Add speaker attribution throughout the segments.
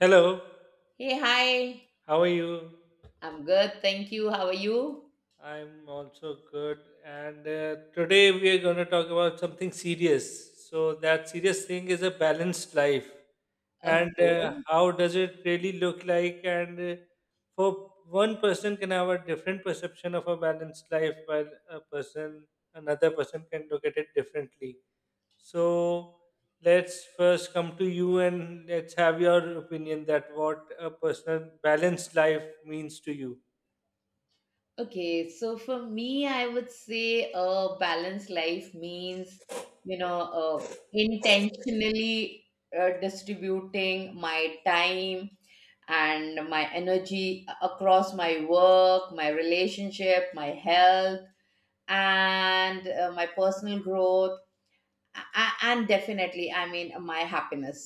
Speaker 1: Hello,
Speaker 2: Hey, hi.
Speaker 1: how are you?
Speaker 2: I'm good. Thank you. How are you?
Speaker 1: I'm also good. And today we are going to talk about something serious. So, that serious thing is a balanced life. And
Speaker 2: Okay.
Speaker 1: how does it really look like? And for one person can have a different perception of a balanced life, while a person, another person can look at it differently. So, let's first come to you and let's have your opinion that what a personal balanced life means to you.
Speaker 2: Okay. So for me, I would say a balanced life means, intentionally distributing my time and my energy across my work, my relationship, my health, and my personal growth, and definitely, I mean, my happiness.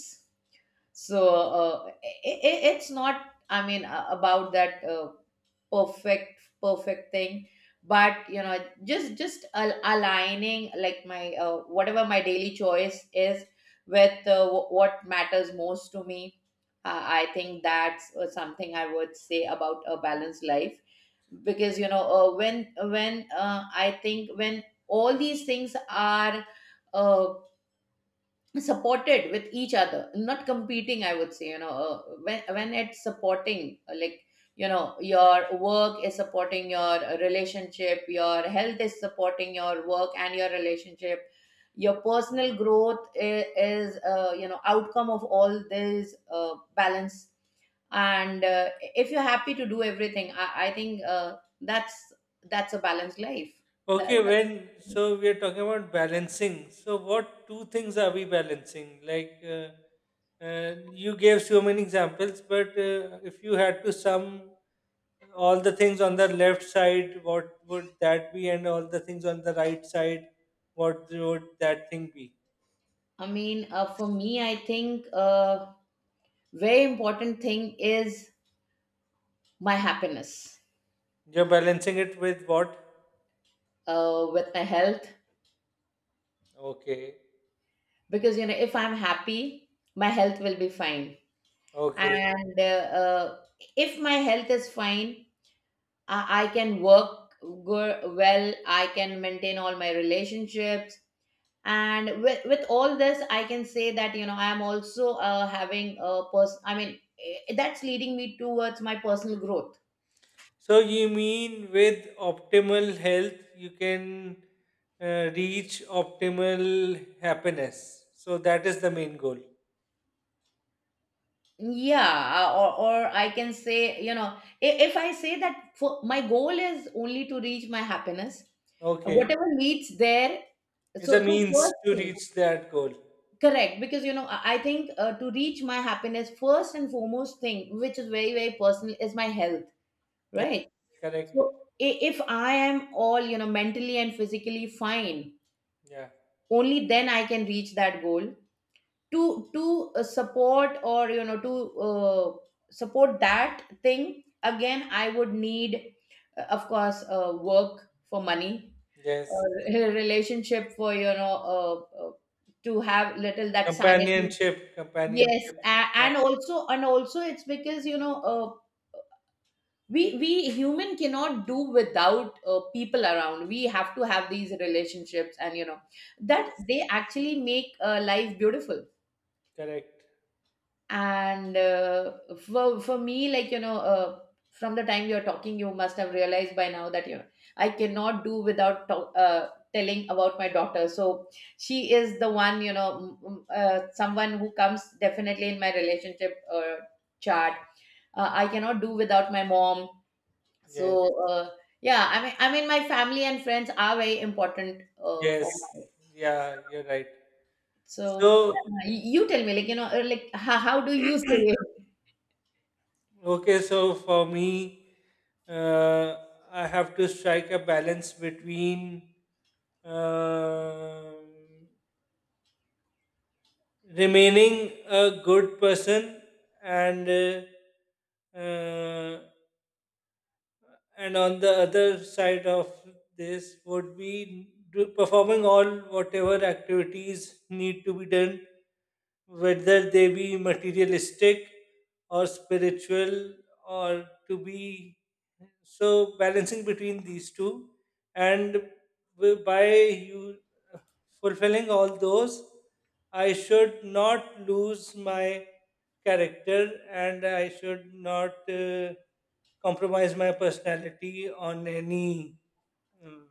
Speaker 2: So it's not I mean, about that perfect thing, but just aligning like my, whatever my daily choice is with what matters most to me. I think that's something I would say about a balanced life, because when I think when all these things are uh, supported with each other, not competing, I would say, when it's supporting, like, your work is supporting your relationship, your health is supporting your work and your relationship, your personal growth is, outcome of all this balance. And if you're happy to do everything, I think that's a balanced life. that,
Speaker 1: Okay,
Speaker 2: that-
Speaker 1: when so we are talking about balancing. So what two things are we balancing? Like you gave so many examples, but if you had to sum all the things on the left side, what would that be? And all the things on the right side, what would that thing be?
Speaker 2: I mean, for me I think, very important thing is my happiness.
Speaker 1: You're balancing it with what?
Speaker 2: With my health.
Speaker 1: Okay,
Speaker 2: Because you know, if I'm happy, my health will be fine.
Speaker 1: okay.
Speaker 2: And uh, if my health is fine, I can well, I can maintain all my relationships. And with all this, I can say that, you know, I am also having a person, I mean, that's leading me towards my personal growth.
Speaker 1: So you mean with optimal health, you can reach optimal happiness. So that is the main goal.
Speaker 2: Yeah, or I can say, you know, if I say that for my goal is only to reach my happiness,
Speaker 1: Okay,
Speaker 2: whatever leads there.
Speaker 1: it's a
Speaker 2: So
Speaker 1: means
Speaker 2: first
Speaker 1: to
Speaker 2: thing,
Speaker 1: reach that goal.
Speaker 2: correct, because you know, I think to reach my happiness, first and foremost thing, which is very, very personal, is my health,
Speaker 1: Yes,
Speaker 2: right?
Speaker 1: correct.
Speaker 2: So if I am all, you know, mentally and physically fine,
Speaker 1: Yeah.
Speaker 2: only then I can reach that goal. To support, or, you know, to uh, support that thing, again I would need of course work for money, or
Speaker 1: Yes.
Speaker 2: a relationship, for you know, uh, to have little that sanity.
Speaker 1: Companionship.
Speaker 2: Yes,
Speaker 1: Companionship. Yeah.
Speaker 2: and also, and also, it's because you know, we human cannot do without people around. We have to have these relationships, and you know, that
Speaker 1: Yes.
Speaker 2: they actually make life beautiful.
Speaker 1: Correct.
Speaker 2: And for me, like, you know, from the time you're talking, you must have realized by now that, you know, I cannot do without talk, telling about my daughter. So she is the one, you know, someone who comes definitely in my relationship chart. I cannot do without my mom.
Speaker 1: Yes.
Speaker 2: so uh, yeah, I mean my family and friends are very important for
Speaker 1: Yes.
Speaker 2: my.
Speaker 1: Yeah. You're right.
Speaker 2: so
Speaker 1: So,
Speaker 2: uh, you tell me, like, you know, like, how do you say?
Speaker 1: okay, so for me, uh, I have to strike a balance between um remaining a good person and uh, uh, and on the other side of this would be performing all whatever activities need to be done, whether they be materialistic or spiritual or to be, so balancing between these two, and by you fulfilling all those, I should not lose my character and I should not compromise my personality um,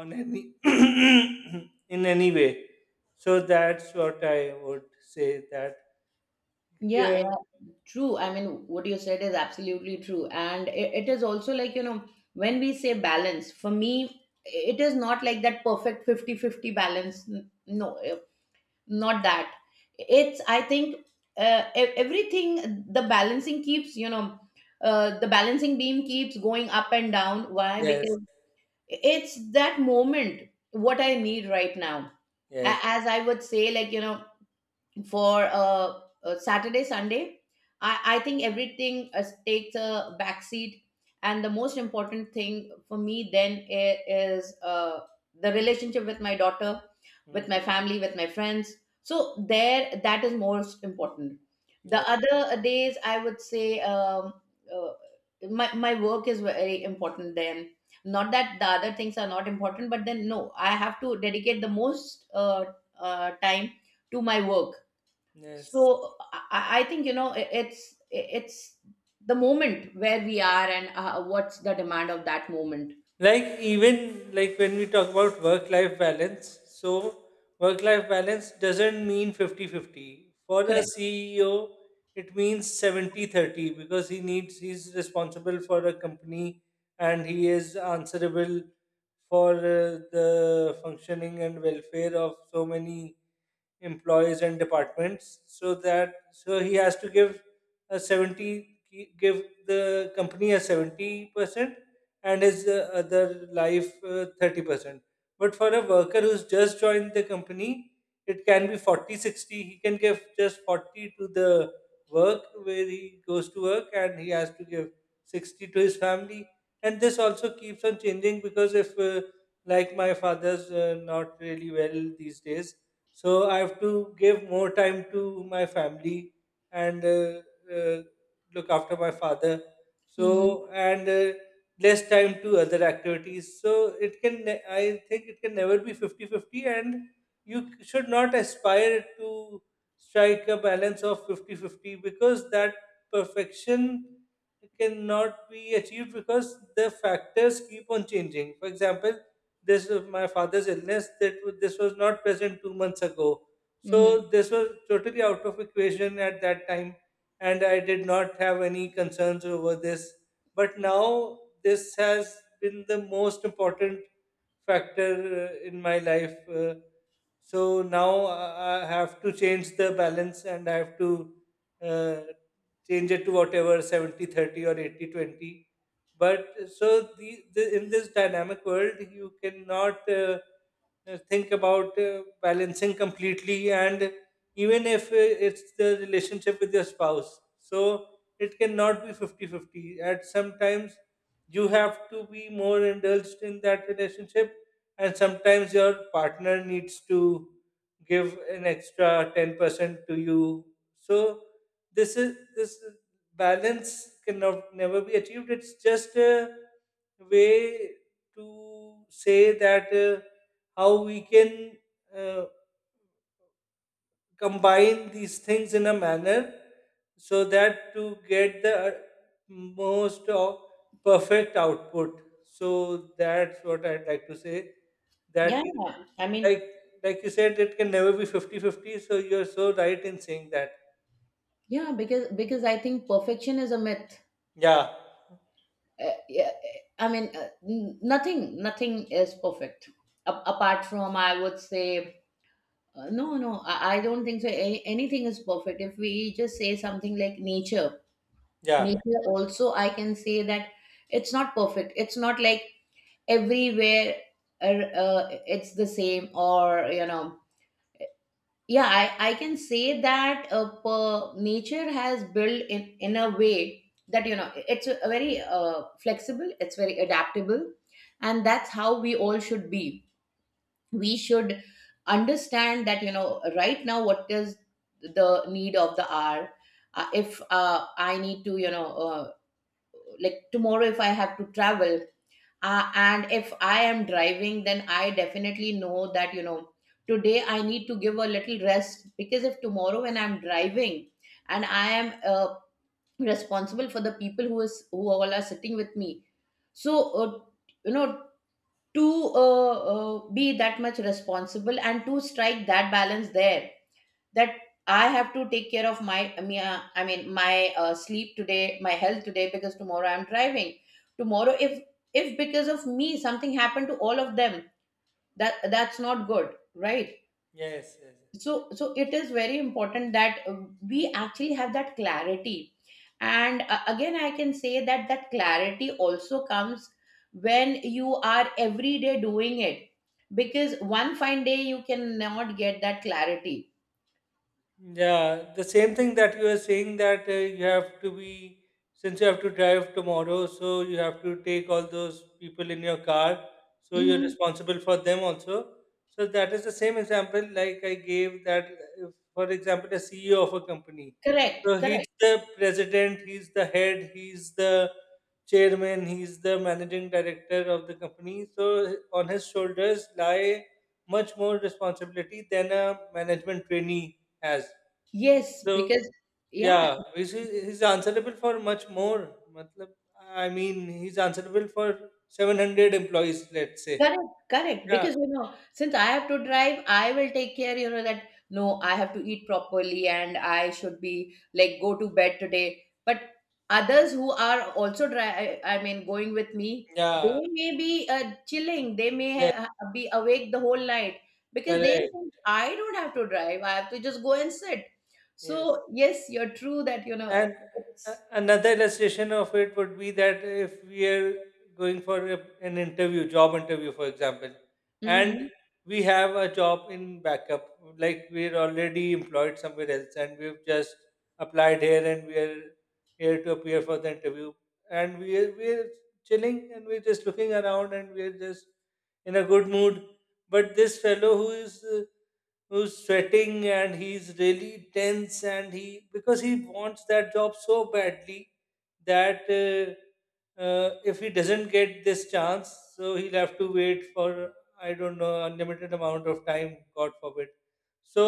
Speaker 1: on any in any way. So that's what I would say that.
Speaker 2: Yeah,
Speaker 1: Yeah,
Speaker 2: yeah, true. I mean, what you said is absolutely true. And it is also like, you know, when we say balance, for me, it is not like that perfect 50-50 balance. No, not that. It's, I think, everything, the balancing keeps, you know, the balancing beam keeps going up and down. Why?
Speaker 1: yes,
Speaker 2: Because it's that moment, what I need right now.
Speaker 1: yes,
Speaker 2: As I would say, like, you know, for Saturday, Sunday, I think everything takes a backseat. And the most important thing for me then is the relationship with my daughter, with
Speaker 1: mm,
Speaker 2: my family, with my friends. So there, that is most important. The
Speaker 1: yes,
Speaker 2: other days, I would say uh, my work is very important then. Not that the other things are not important, but then no, I have to dedicate the most time to my work.
Speaker 1: yes.
Speaker 2: So I think, you know, it's the moment where we are, and what's the demand of that moment.
Speaker 1: Like, even like when we talk about work life balance, so work life balance doesn't mean 50-50 for a
Speaker 2: Correct.
Speaker 1: ceo. It means 70-30 because he's responsible for a company, and he is answerable for the functioning and welfare of so many employees and departments. So that so he has to give a 70, give the company a 70%, and his other life 30%. But for a worker who's just joined the company, it can be 40-60. He can give just 40 to the work where he goes to work, and he has to give 60 to his family. And this also keeps on changing because if, like, my father's not really well these days, so I have to give more time to my family and uh, look after my father.
Speaker 2: Mm-hmm.
Speaker 1: So, and less time to other activities. So it can, I think it can never be 50-50, and you should not aspire to strike a balance of 50-50 because that perfection cannot be achieved because the factors keep on changing. For example, this is my father's illness that this was not present 2 months ago.
Speaker 2: Mm-hmm.
Speaker 1: So this was totally out of equation at that time, and I did not have any concerns over this, but now this has been the most important factor in my life so now I have to change the balance and I have to uh, change it to whatever 70-30 or 80-20. But so the, the in this dynamic world you cannot think about balancing completely, and even if it's the relationship with your spouse, so it cannot be 50-50. 50. At sometimes you have to be more indulged in that relationship, and sometimes your partner needs to give an extra 10% to you. So, this is this is- balance cannot never be achieved. It's just a way to say that how we can uh, combine these things in a manner so that to get the most of perfect output. So that's what I'd like to say that
Speaker 2: Yeah,
Speaker 1: it.
Speaker 2: yeah. I
Speaker 1: like
Speaker 2: mean,
Speaker 1: like you said, it can never be 50-50. So you're so right in saying that.
Speaker 2: yeah, because I think perfection is a myth.
Speaker 1: Yeah,
Speaker 2: Yeah, I mean, nothing is perfect. Apart from, I would say, no, no, I don't think so. Anything is perfect. If we just say something like nature,
Speaker 1: yeah,
Speaker 2: nature also, I can say that it's not perfect. It's not like everywhere it's the same, or, you know, yeah, I can say that nature has built in a way that, you know, it's a very flexible, it's very adaptable, and that's how we all should be. We should understand that, you know, right now what is the need of the hour. If I need to, you know, like, tomorrow, if I have to travel, and if I am driving, then I definitely know that, you know, today I need to give a little rest, because if tomorrow, when I'm driving, and I am responsible for the people who is who all are sitting with me. So, you know, to be that much responsible, and to strike that balance there, that I have to take care of my, I mean, my sleep today, my health today, because tomorrow I'm driving. Tomorrow, if because of me something happened to all of them, that that's not good, right?
Speaker 1: yes, yes.
Speaker 2: So, so it is very important that we actually have that clarity. And again, I can say that that clarity also comes when you are every day doing it, because one fine day you cannot get that clarity.
Speaker 1: Yeah, the same thing that you were saying that you have to be, since you have to drive tomorrow, so you have to take all those people in your car, so you're
Speaker 2: Mhm.
Speaker 1: responsible for them also. So that is the same example like I gave that, uh, for example, a CEO of a company.
Speaker 2: Correct,
Speaker 1: So he's
Speaker 2: correct.
Speaker 1: the president, he's the head, he's the chairman, he's the managing director of the company. So on his shoulders lie much more responsibility than a management trainee. Yes.
Speaker 2: Yes,
Speaker 1: So
Speaker 2: because yeah,
Speaker 1: yeah, he's answerable for much more. Matlab, I mean, he's answerable for 700 employees, let's say.
Speaker 2: correct, correct.
Speaker 1: Yeah.
Speaker 2: Because you know, since I have to drive, I will take care, you know, that no, I have to eat properly, and I should be like, go to bed today. But others who are also dri— I mean, going with me,
Speaker 1: Yeah.
Speaker 2: they may be chilling. They may
Speaker 1: Yes.
Speaker 2: ha— be awake the whole night, because they
Speaker 1: Correct.
Speaker 2: think I don't have to drive. I have to just go and sit.
Speaker 1: Yes.
Speaker 2: So yes, you're true that you know
Speaker 1: And
Speaker 2: it's.
Speaker 1: another illustration of it would be that if we are going for an interview, job interview, for example, and
Speaker 2: Mm-hmm.
Speaker 1: we have a job in backup, like we're already employed somewhere else and we've just applied here and we are here to appear for the interview. And we're chilling and we're just looking around and we're just in a good mood, but this fellow who is who's sweating and he's really tense, and he because he wants that job so badly that if he doesn't get this chance, so he'll have to wait for, I don't know, unlimited amount of time, god forbid. So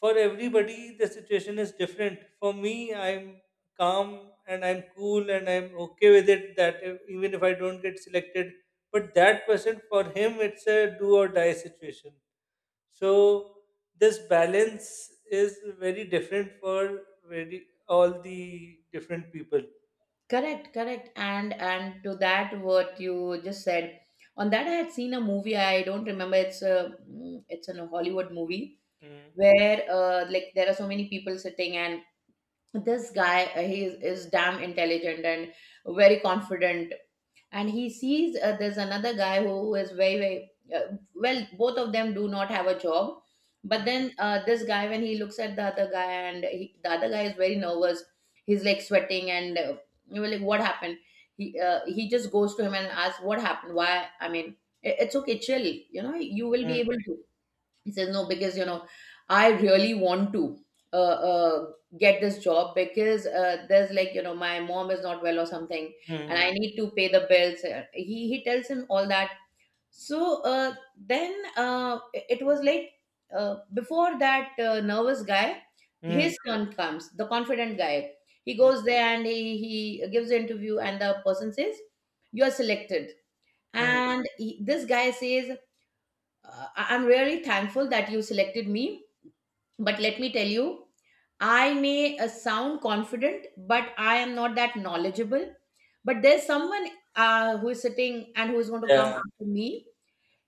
Speaker 1: for everybody the situation is different. For me, I'm calm and I'm cool and I'm okay with it that, if, even if I don't get selected. But that person, for him it's a do or die situation. So this balance is very different for very all the different people.
Speaker 2: Correct, correct. And to that what you just said, on that I had seen a movie. I don't remember. It's a mm, it's a Hollywood movie
Speaker 1: Hmm,
Speaker 2: where like, there are so many people sitting, and this guy, he is damn intelligent and very confident, and he sees there's another guy who is very, very well, both of them do not have a job. But
Speaker 1: hmm,
Speaker 2: then this guy, when he looks at the other guy, and he, the other guy is very nervous, he's like sweating, and you know, like, what happened. He, he just goes to him and asks what happened. Why? I mean, it's okay, chill, you know, you will be
Speaker 1: hmm,
Speaker 2: able to. He says, no, because, you know, I really want to uh, uh, get this job, because there's like, you know, my mom is not well or something,
Speaker 1: hmm,
Speaker 2: and I
Speaker 1: hmm,
Speaker 2: need to pay the bills. He tells him all that. So then it was like, before that nervous guy,
Speaker 1: hmm,
Speaker 2: his son comes, the confident guy. He
Speaker 1: hmm,
Speaker 2: goes there, and he gives the interview, and the person says, you are selected.
Speaker 1: hmm.
Speaker 2: And he, this guy says, I'm really thankful that you selected me, but let me tell you, I may sound confident, but I am not that knowledgeable. But there's someone who is sitting and who is going to come
Speaker 1: Yeah,
Speaker 2: after me.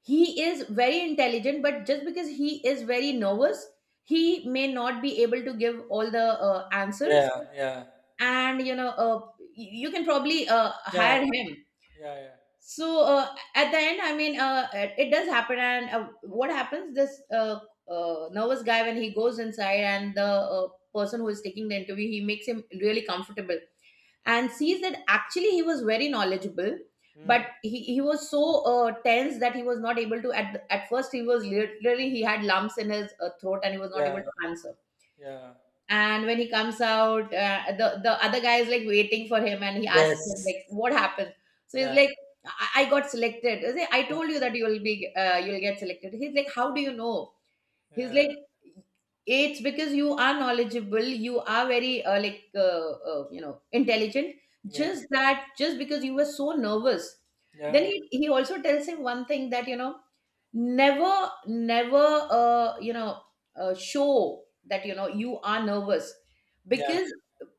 Speaker 2: He is very intelligent, but just because he is very nervous, he may not be able to give all the answers.
Speaker 1: yeah, yeah,
Speaker 2: And you know, you can probably
Speaker 1: yeah, yeah,
Speaker 2: hire him.
Speaker 1: yeah, yeah.
Speaker 2: So at the end, I mean, it does happen, and what happens, this nervous guy, when he goes inside, and the person who is taking the interview, he makes him really comfortable, and sees that actually he was very knowledgeable, but
Speaker 1: Hmm,
Speaker 2: he was so tense that he was not able to at, at first he was literally, he had lumps in his throat, and he was not
Speaker 1: yeah,
Speaker 2: able to answer.
Speaker 1: yeah,
Speaker 2: And when he comes out, the other guy is like waiting for him, and he asks him
Speaker 1: yes.
Speaker 2: like, what happened. So he's
Speaker 1: Yeah,
Speaker 2: like, I got selected. Say, I
Speaker 1: yeah,
Speaker 2: told you that you will be you'll get selected. He's like, how do you know? He's
Speaker 1: yeah,
Speaker 2: like, it's because you are knowledgeable, you are very like you know, intelligent.
Speaker 1: yes,
Speaker 2: Just that, just because you were so nervous, then
Speaker 1: yeah,
Speaker 2: he also tells him one thing, that you know, never, never you know, show that you know you are nervous,
Speaker 1: yeah,
Speaker 2: because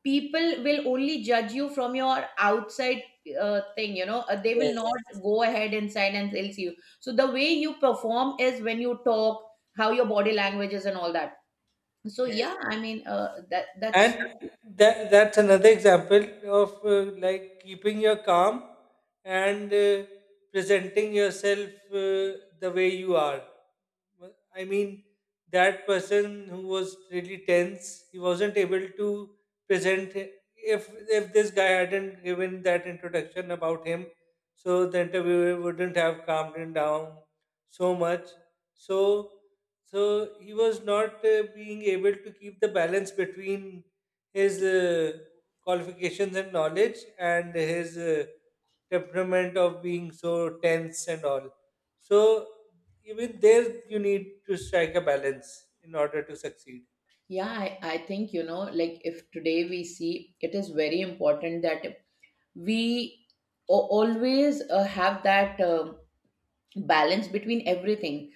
Speaker 2: people will Only judge you from your outside thing they will
Speaker 1: yes,
Speaker 2: not go ahead inside and they'll see you, so the way you perform is when you talk, how your body language is and all that. So
Speaker 1: yes.
Speaker 2: yeah, I mean, that
Speaker 1: And
Speaker 2: that's true.
Speaker 1: that's another example of like keeping your calm and presenting yourself the way you are. Well, I mean, that person who was really tense, he wasn't able to present. If if this guy hadn't given that introduction about him, so the interviewer wouldn't have calmed him down so much. So so he was not being able to keep the balance between his qualifications and knowledge and his temperament of being so tense and all. So even there you need to strike a balance in order to succeed.
Speaker 2: Yeah, I think, you know, like if today we see, it is very important that we always have that balance between everything.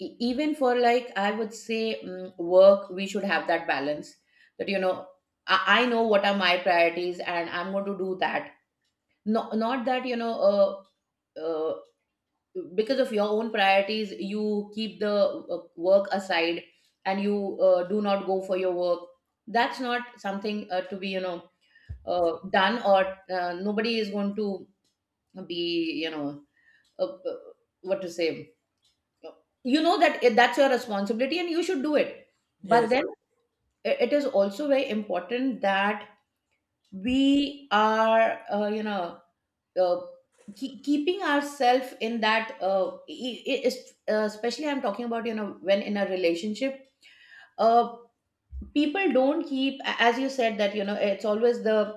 Speaker 2: Even for, like, I would say work, we should have that balance, that you know, I know what are my priorities and I'm going to do that. Not that you know, uh, uh, because of your own priorities you keep the work aside and you do not go for your work. That's not something to be, you know, done, or nobody is going to be, you know, uh, uh, what to say, you know, that that's your responsibility and you should do it. But
Speaker 1: Yes.
Speaker 2: then, it is also very important that we are, you know, uh, keeping ourselves in that especially, I'm talking about, you know, when in a relationship, uh, people don't keep. As you said that, you know, it's always the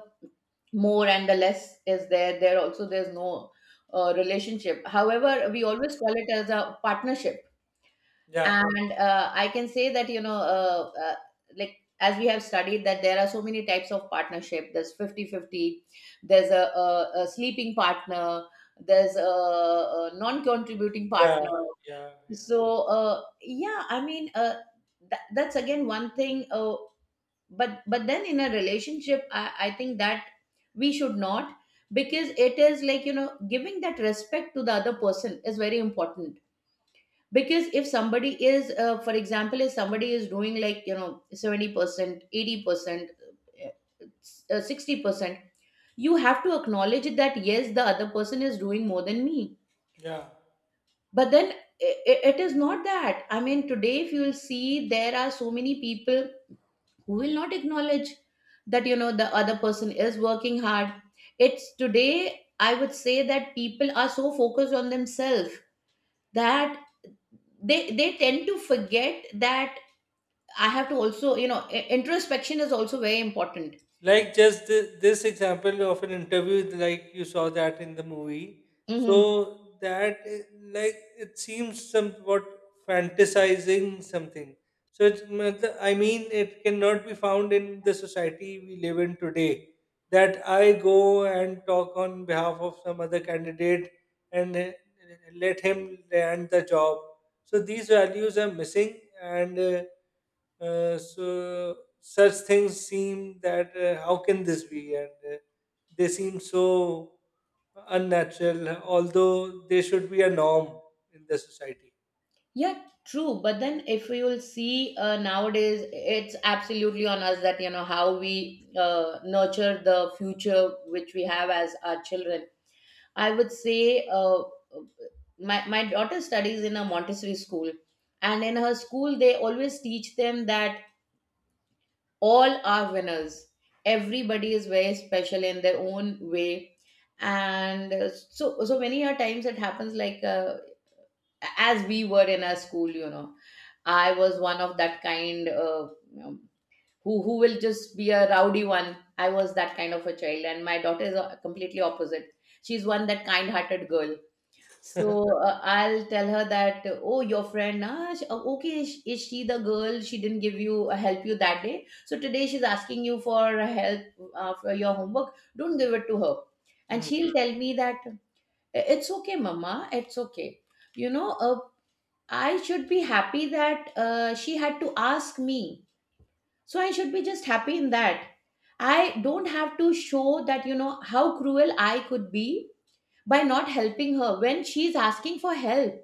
Speaker 2: more and the less is there. There also, there's no relationship, however we always call it as a partnership.
Speaker 1: Yeah.
Speaker 2: And I can say that, you know, like, as we have studied, that there are so many types of partnership. There's 50 50, there's a sleeping partner, there's a non-contributing
Speaker 1: Yeah.
Speaker 2: partner.
Speaker 1: Yeah. Yeah.
Speaker 2: So yeah, I mean, that's again one thing. But then in a relationship, I think that we should not, because it is like, you know, giving that respect to the other person is very important. Because if somebody is, for example, if somebody is doing, like, you know, 70% 80%, 60%, you have to acknowledge that yes, the other person is doing more than me.
Speaker 1: Yeah.
Speaker 2: But then it is not that. I mean, today, if you'll see, there are so many people who will not acknowledge that, you know, the other person is working hard. It's today, I would say that people are so focused on themselves that they tend to forget that I have to also, you know, introspection is also very important.
Speaker 1: Like, just this example of an interview, like you saw that in the movie, so
Speaker 2: Mm-hmm.
Speaker 1: that i- like it seems somewhat fantasizing something. So it's, matlab- I mean, it cannot be found in the society we live in today, that I go and talk on behalf of some other candidate and let him land the job. So these values are missing, and so such things seem that how can this be? And they seem so unnatural, although they should be a norm in the society.
Speaker 2: Yeah, true. But then, if we will see, nowadays, it's absolutely on us that, you know, how we nurture the future which we have as our children. I would say, my daughter studies in a Montessori school, and in her school they always teach them that all are winners. Everybody is very special in their own way. And so, so many a times it happens, like, as we were in our school, you know, I was one of that kind, you know, who will just be a rowdy one. I was that kind of a child, and my daughter is completely opposite. She's one that kind-hearted girl. So I'll tell her that, oh, your friend, ah, oh, okay, is she the girl? She didn't give you, help you that day. So today she's asking you for help for your homework. Don't give it to her. And
Speaker 1: Mm.
Speaker 2: she'll tell me that it's okay, Mama. It's okay. You know, I should be happy that she had to ask me. So I should be just happy in that. I don't have to show that, you know, how cruel I could be by not helping her when she's asking for help.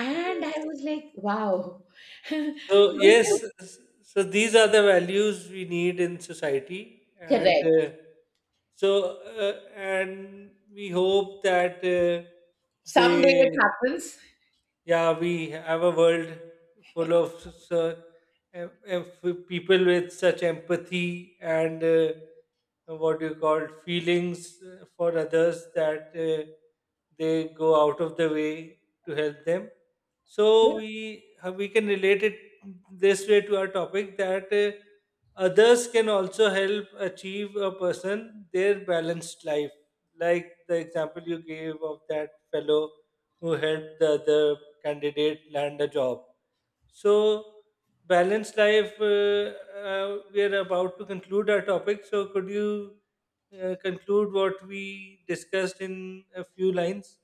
Speaker 2: And I
Speaker 1: Yes.
Speaker 2: was like, wow.
Speaker 1: So yes,
Speaker 2: Because,
Speaker 1: so these are the values we need in society, and
Speaker 2: correct.
Speaker 1: so and we hope that
Speaker 2: Someday
Speaker 1: they.
Speaker 2: it happens.
Speaker 1: Yeah, we have a world full of people with such empathy and what do you call, feelings for others, that they go out of the way to help them. So
Speaker 2: Yeah,
Speaker 1: we can relate it this way to our topic that others can also help achieve a person their balanced life, like the example you gave of that fellow who helped the other candidate land a job. So, balanced life, we are about to conclude our topic. So, could you conclude what we discussed in a few lines?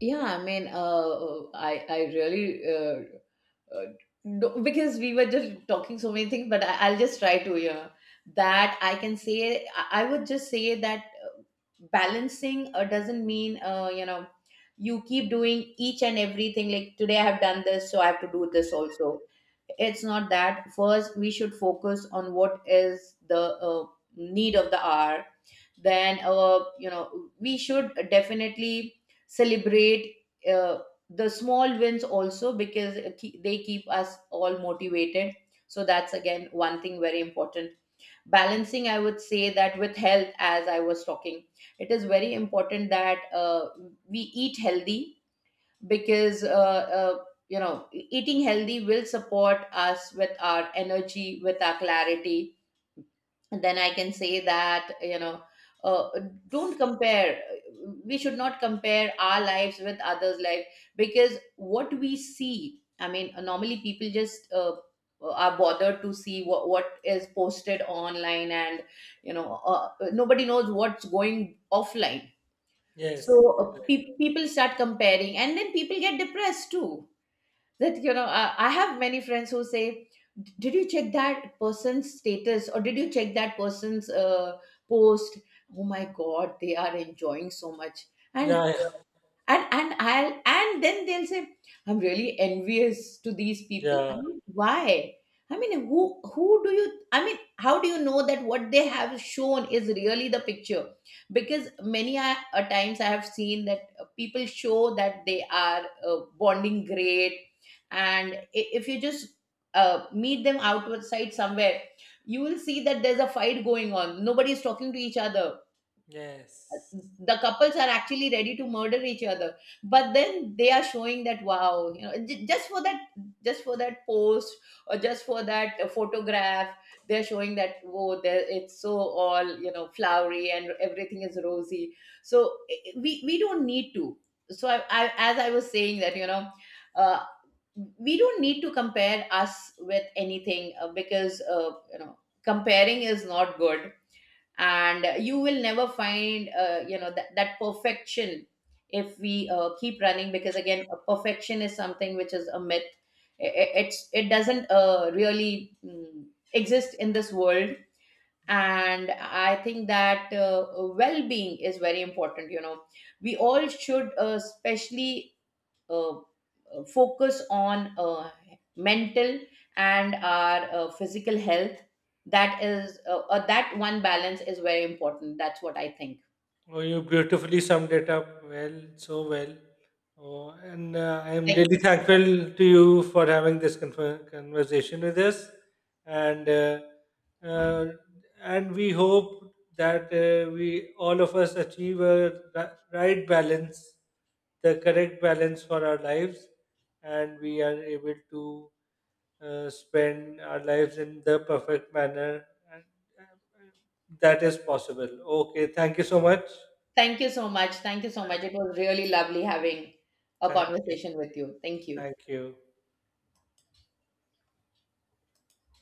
Speaker 2: yeah. I mean, I really, uh, because we were just talking so many things, but I'll just try to, yeah, that I can say, I would just say that balancing doesn't mean, you know, you keep doing each and everything. Like today I have done this, so I have to do this also. It's not that. First, we should focus on what is the need of the hour. Then, you know, we should definitely celebrate uh, the small wins also because they keep us all motivated. So, that's again one thing very important. Balancing, I would say, that with health, as I was talking, it is very important that we eat healthy, because uh, you know, eating healthy will support us with our energy, with our clarity. And then I can say that, you know, uh, don't compare. We should not compare our lives with others life, because what we see, I mean, normally people just are bothered to see what is posted online, and you know, nobody knows what's going offline. So
Speaker 1: Yes. Right.
Speaker 2: people start comparing, and then people get depressed too. That you know, I have many friends who say, did you check that person's status, or did you check that person's post? Oh my god, they are enjoying so much.
Speaker 1: Yeah.
Speaker 2: And
Speaker 1: Yeah.
Speaker 2: and I'll, and then they'll say, I'm really envious to these people. I
Speaker 1: Yeah.
Speaker 2: mean, why? I mean, who do you? I mean, how do you know that what they have shown is really the picture? Because many a times I have seen that, people show that they are, bonding great, and if you just meet them outside somewhere, you will see that there's a fight going on. Nobody is talking to each other.
Speaker 1: Yes.
Speaker 2: The couples are actually ready to murder each other, but then they are showing that wow, you know, just for that, just for that post, or just for that photograph. They're showing that, whoa there, it's so all, you know, flowery, and everything is rosy. So we don't need to. So I, as I was saying that, you know, uh, we don't need to compare us with anything, because, you know, comparing is not good, and you will never find, you know, that perfection, if we keep running, because again, perfection is something which is a myth. It, it's, it doesn't really exist in this world. And I think that, well-being is very important, you know. We all should, especially, focus on mental and our physical health. That is, that one balance is very important. That's what I think.
Speaker 1: Oh, you beautifully summed it up well, so well. Oh, and I'm
Speaker 2: Thank
Speaker 1: really
Speaker 2: you.
Speaker 1: thankful to you for having this conversation with us. And uh, uh, and we hope that we all of us achieve a right balance, the correct balance for our lives, and we are able to spend our lives in the perfect manner and, uh, that is possible. Okay, thank you so much.
Speaker 2: Thank you so much. Thank you so
Speaker 1: Thank
Speaker 2: much. It was really lovely having a
Speaker 1: you.
Speaker 2: conversation with you. Thank you.
Speaker 1: Thank you.